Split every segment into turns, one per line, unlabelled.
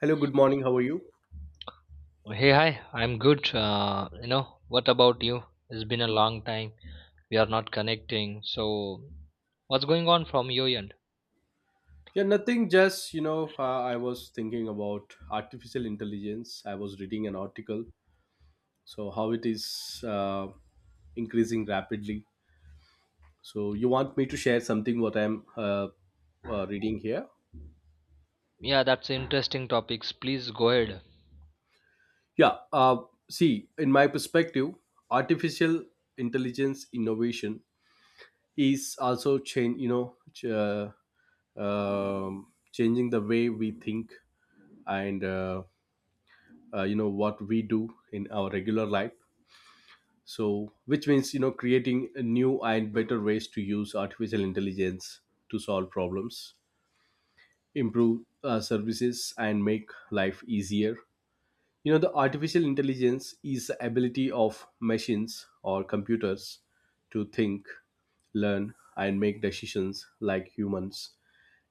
Hello, good morning. How are you?
Hey, hi, I'm good. What about you? It's been a long time. We are not connecting. So, what's going on from your end?
Yeah, nothing. Just, you know, I was thinking about artificial intelligence. I was reading an article. So, how it is increasing rapidly. So, you want me to share something what I'm reading here?
Yeah, that's interesting topics. Please go ahead.
Yeah. Uh, See, in my perspective, artificial intelligence innovation is also change, um, changing the way we think and you know what we do in our regular life, so which means, you know, creating a new and better ways to use artificial intelligence to solve problems, improve services, and make life easier. You know, the artificial intelligence is the ability of machines or computers to think, learn, and make decisions like humans.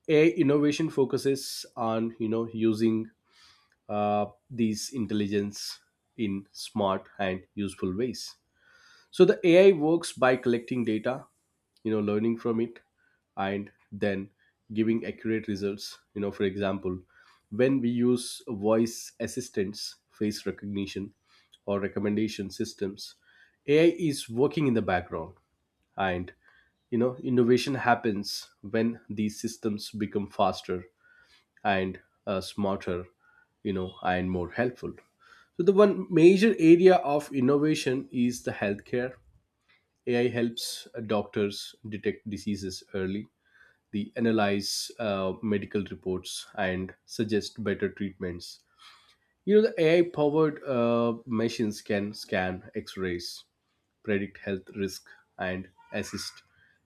A innovation focuses on, you know, using these intelligence in smart and useful ways. So the AI works by collecting data, you know, learning from it, and then giving accurate results. You know, for example, when we use voice assistants, face recognition, or recommendation systems, AI is working in the background, and, you know, innovation happens when these systems become faster and smarter, you know, and more helpful. So the one major area of innovation is the healthcare. AI helps doctors detect diseases early, they analyze medical reports and suggest better treatments. You know, the AI-powered machines can scan X-rays, predict health risk, and assist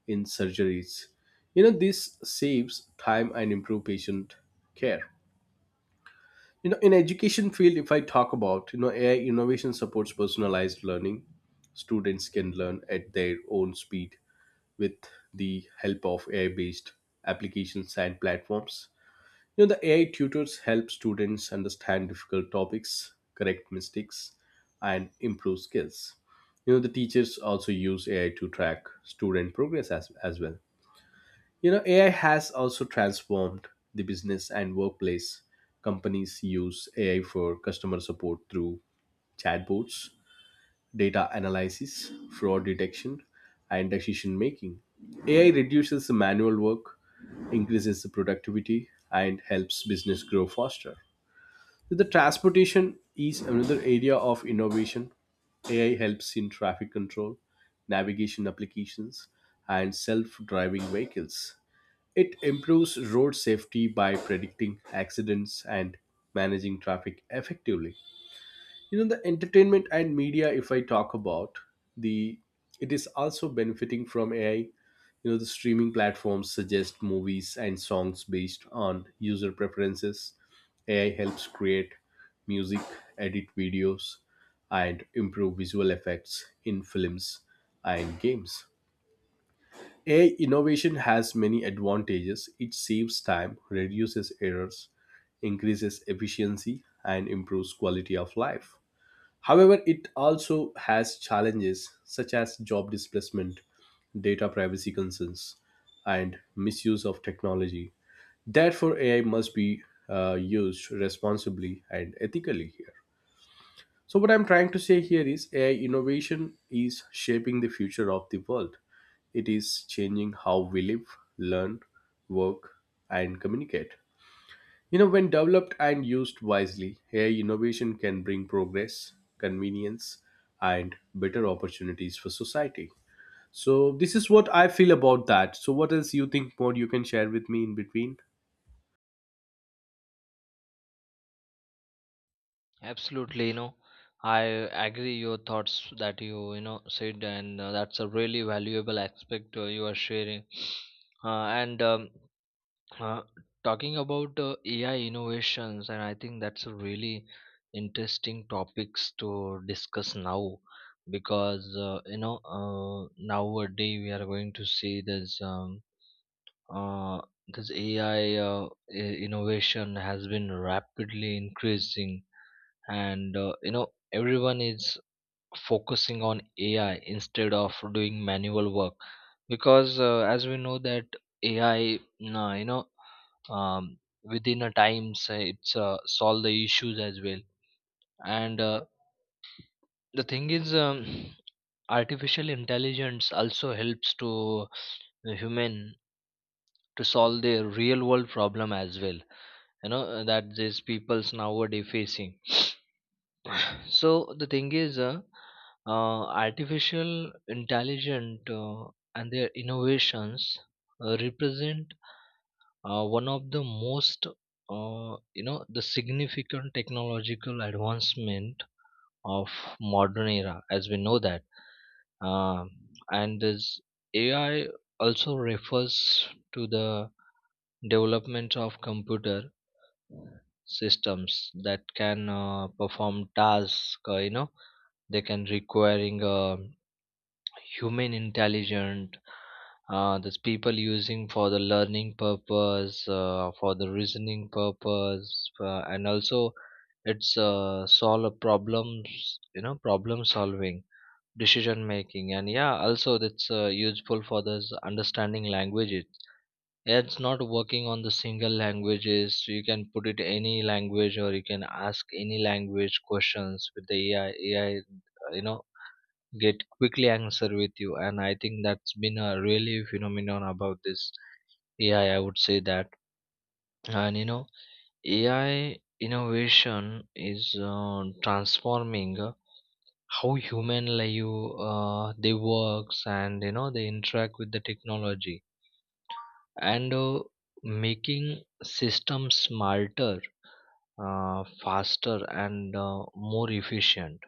in surgeries. You know, this saves time and improve patient care. You know, in education field, if I talk about, you know, AI innovation supports personalized learning. Students can learn at their own speed with the help of AI based applications and platforms. You know, the AI tutors help students understand difficult topics, correct mistakes, and improve skills. You know, the teachers also use AI to track student progress as well. You know, AI has also transformed the business and workplace. Companies use AI for customer support through chatbots, data analysis, fraud detection, and decision making. AI reduces the manual work, increases the productivity, and helps business grow faster. The transportation is another area of innovation. AI helps in traffic control, navigation applications, and self driving vehicles. It improves road safety by predicting accidents and managing traffic effectively. You know, the entertainment and media, if I talk about, the it is also benefiting from AI. You know, the streaming platforms suggest movies and songs based on user preferences. AI helps create music, edit videos, and improve visual effects in films and games. AI innovation has many advantages. It saves time, reduces errors, increases efficiency, and improves quality of life. However, it also has challenges such as job displacement, data privacy concerns, and misuse of technology. Therefore, AI must be used responsibly and ethically here. So, what I'm trying to say here is AI innovation is shaping the future of the world. It is changing how we live, learn, work, and communicate. You know, when developed and used wisely, AI innovation can bring progress, convenience, and better opportunities for society. So, this is what I feel about that. So, what else you think more you can share with me in between?
Absolutely, I agree your thoughts that you said, and that's a really valuable aspect you are sharing. And Uh, talking about AI innovations, and I think that's a really interesting topics to discuss now because nowadays we are going to see uh, this AI innovation has been rapidly increasing, and everyone is focusing on AI instead of doing manual work, because as we know that AI, nah, um, within a time say it's solve the issues as well. And the thing is, artificial intelligence also helps to the human to solve their real world problem as well, that these people's nowadays facing. So the thing is uh, artificial intelligent and their innovations represent one of the most the significant technological advancement of modern era, as we know that. Um and this AI also refers to the development of computer systems that can perform tasks, they can requiring human intelligent. These people using for the learning purpose, for the reasoning purpose, and also it's solve problems, problem solving, decision making. And yeah, also that's useful for this understanding languages. It's not working on the single languages. You can put it any language or you can ask any language questions with the ai. you know get quickly answer with you, and I think that's been a really phenomenon about this AI, I would say that. And AI innovation is transforming how human life they works, and they interact with the technology, and making systems smarter, faster, and more efficient.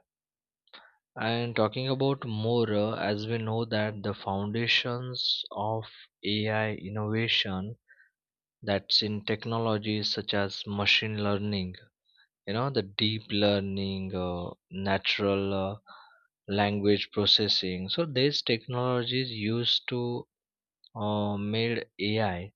And talking about more, as we know that the foundations of AI innovation, that's in technologies such as machine learning, the deep learning, natural language processing. So these technologies used to made AI,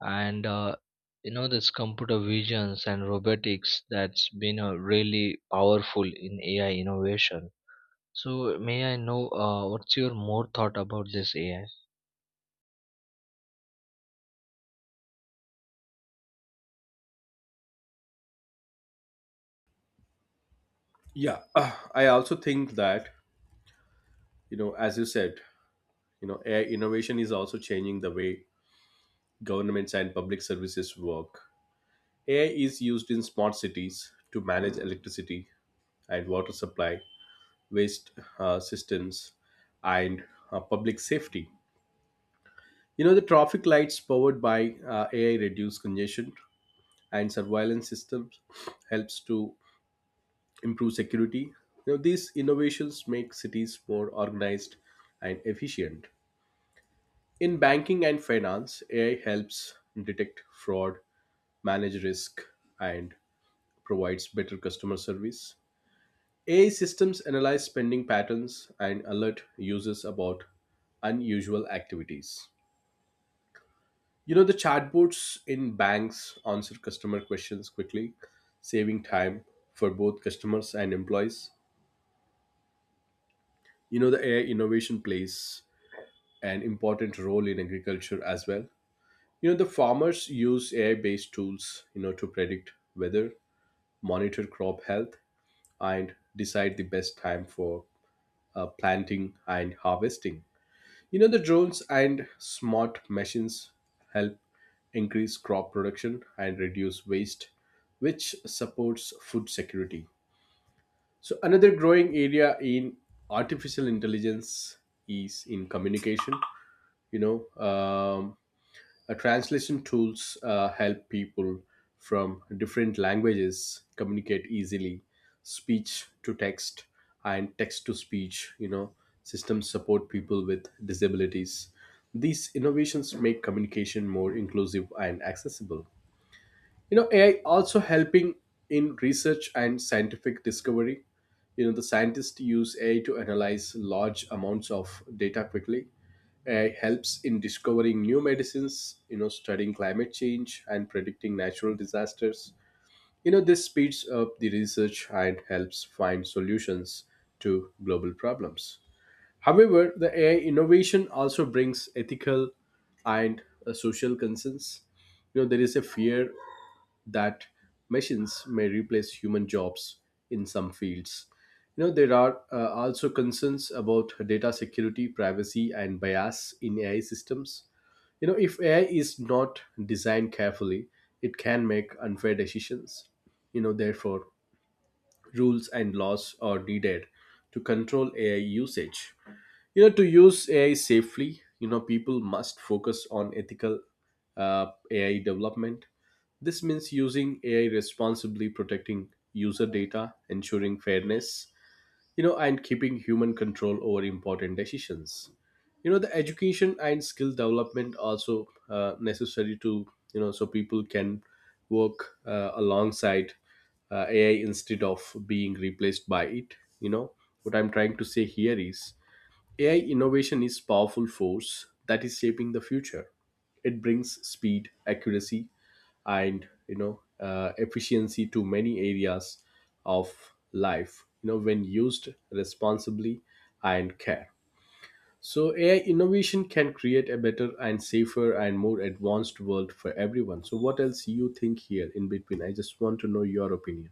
and this computer visions and robotics that's been really powerful in AI innovation. So may I know what's your more thought about this AI?
Yeah, I also think that, you know, as you said, you know, AI innovation is also changing the way governments and public services work. AI is used in smart cities to manage electricity, and water supply, waste systems, and public safety. You know, the traffic lights powered by AI reduce congestion, and surveillance systems helps to improve security. You know, these innovations make cities more organized and efficient. In banking and finance, AI helps detect fraud, manage risk, and provides better customer service. AI systems analyze spending patterns and alert users about unusual activities. You know, the chatbots in banks answer customer questions quickly, saving time for both customers and employees. You know, the AI innovation plays an important role in agriculture as well. You know, the farmers use AI based tools, you know, to predict weather, monitor crop health, and decide the best time for planting and harvesting. You know, the drones and smart machines help increase crop production and reduce waste, which supports food security. So, another growing area in artificial intelligence is in communication. You know, translation tools help people from different languages communicate easily, speech to text and text to speech. You know, systems support people with disabilities. These innovations make communication more inclusive and accessible. You know, AI also helping in research and scientific discovery. You know, the scientists use AI to analyze large amounts of data quickly. AI helps in discovering new medicines, you know, studying climate change and predicting natural disasters. You know, this speeds up the research and helps find solutions to global problems. However, the AI innovation also brings ethical and social concerns. You know, there is a fear that machines may replace human jobs in some fields. You know, there are also concerns about data security, privacy, and bias in AI systems. You know, if AI is not designed carefully, it can make unfair decisions. You know, therefore, rules and laws are needed to control AI usage. You know, to use AI safely, you know, people must focus on ethical AI development. This means using AI responsibly, protecting user data, ensuring fairness, you know, and keeping human control over important decisions. You know, the education and skill development also necessary to, you know, so people can work alongside AI instead of being replaced by it. You know, what I'm trying to say here is AI innovation is powerful force that is shaping the future. It brings speed, accuracy, and, you know, efficiency to many areas of life. You know, when used responsibly and care, so AI innovation can create a better and safer and more advanced world for everyone. So, what else you think here in between? I just want to know your opinion.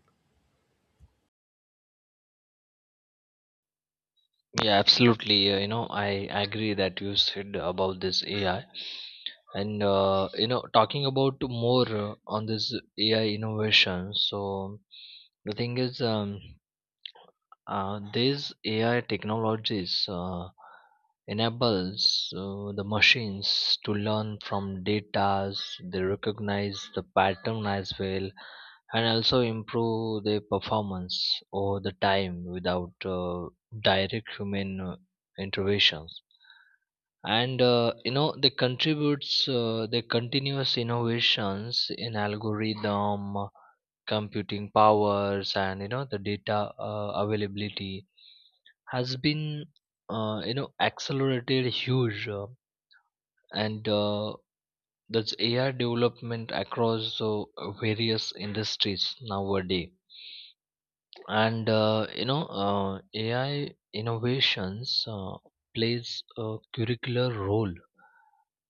Yeah, absolutely. I agree that you said about this AI, and talking about more on this AI innovation. So the thing is, these AI technologies enables the machines to learn from data, they recognize the pattern as well, and also improve their performance over the time without direct human interventions. And they contributes the continuous innovations in algorithm, computing powers, and the data availability has been accelerated huge, and that's AI development across various industries nowadays. And AI innovations plays a curricular role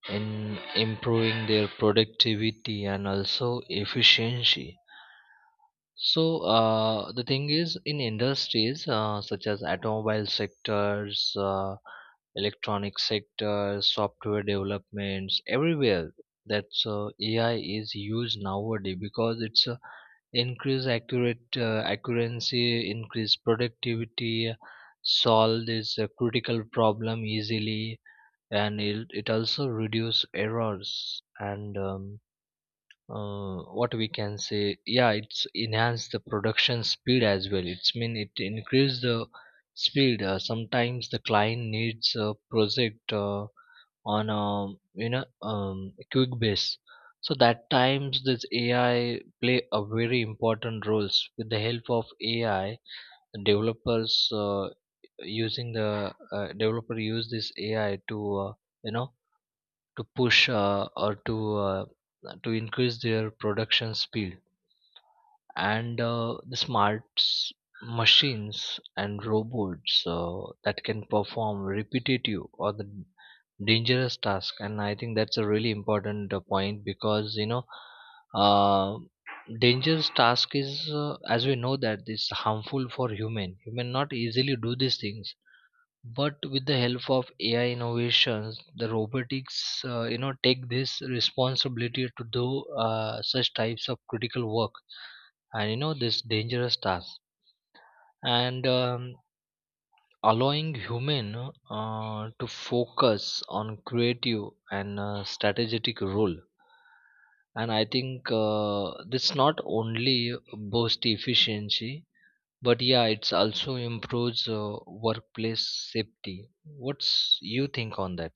in improving their productivity and also efficiency. So the thing is, in industries such as automobile sectors, electronic sector, software developments, everywhere. That's AI is used nowadays because it's increase accurate accuracy, increase productivity, solve this critical problem easily, and it also reduce errors. And what we can say, yeah, it's enhanced the production speed as well. It's mean it increase the speed. Sometimes the client needs a project on a, quick base, so that times this AI play a very important roles with the help of AI. The developers using the developer use this AI to uh, you know to push or to increase their production speed. And the smart machines and robots that can perform repetitive or the dangerous task. And I think that's a really important point, because uh, dangerous task is, as we know that, is harmful for human. Not easily do these things, but with the help of AI innovations, the robotics, take this responsibility to do such types of critical work, and this dangerous task, and allowing human to focus on creative and strategic role. And I think this not only boost efficiency, but yeah it's also improves workplace safety. What's you think on that?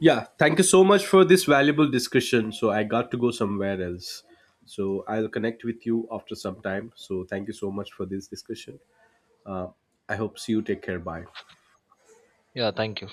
Yeah, thank you so much for this valuable discussion. So I got to go somewhere else, so I'll connect with you after some time. So thank you so much for this discussion. I hope see you. Take care, bye.
Yeah, thank you.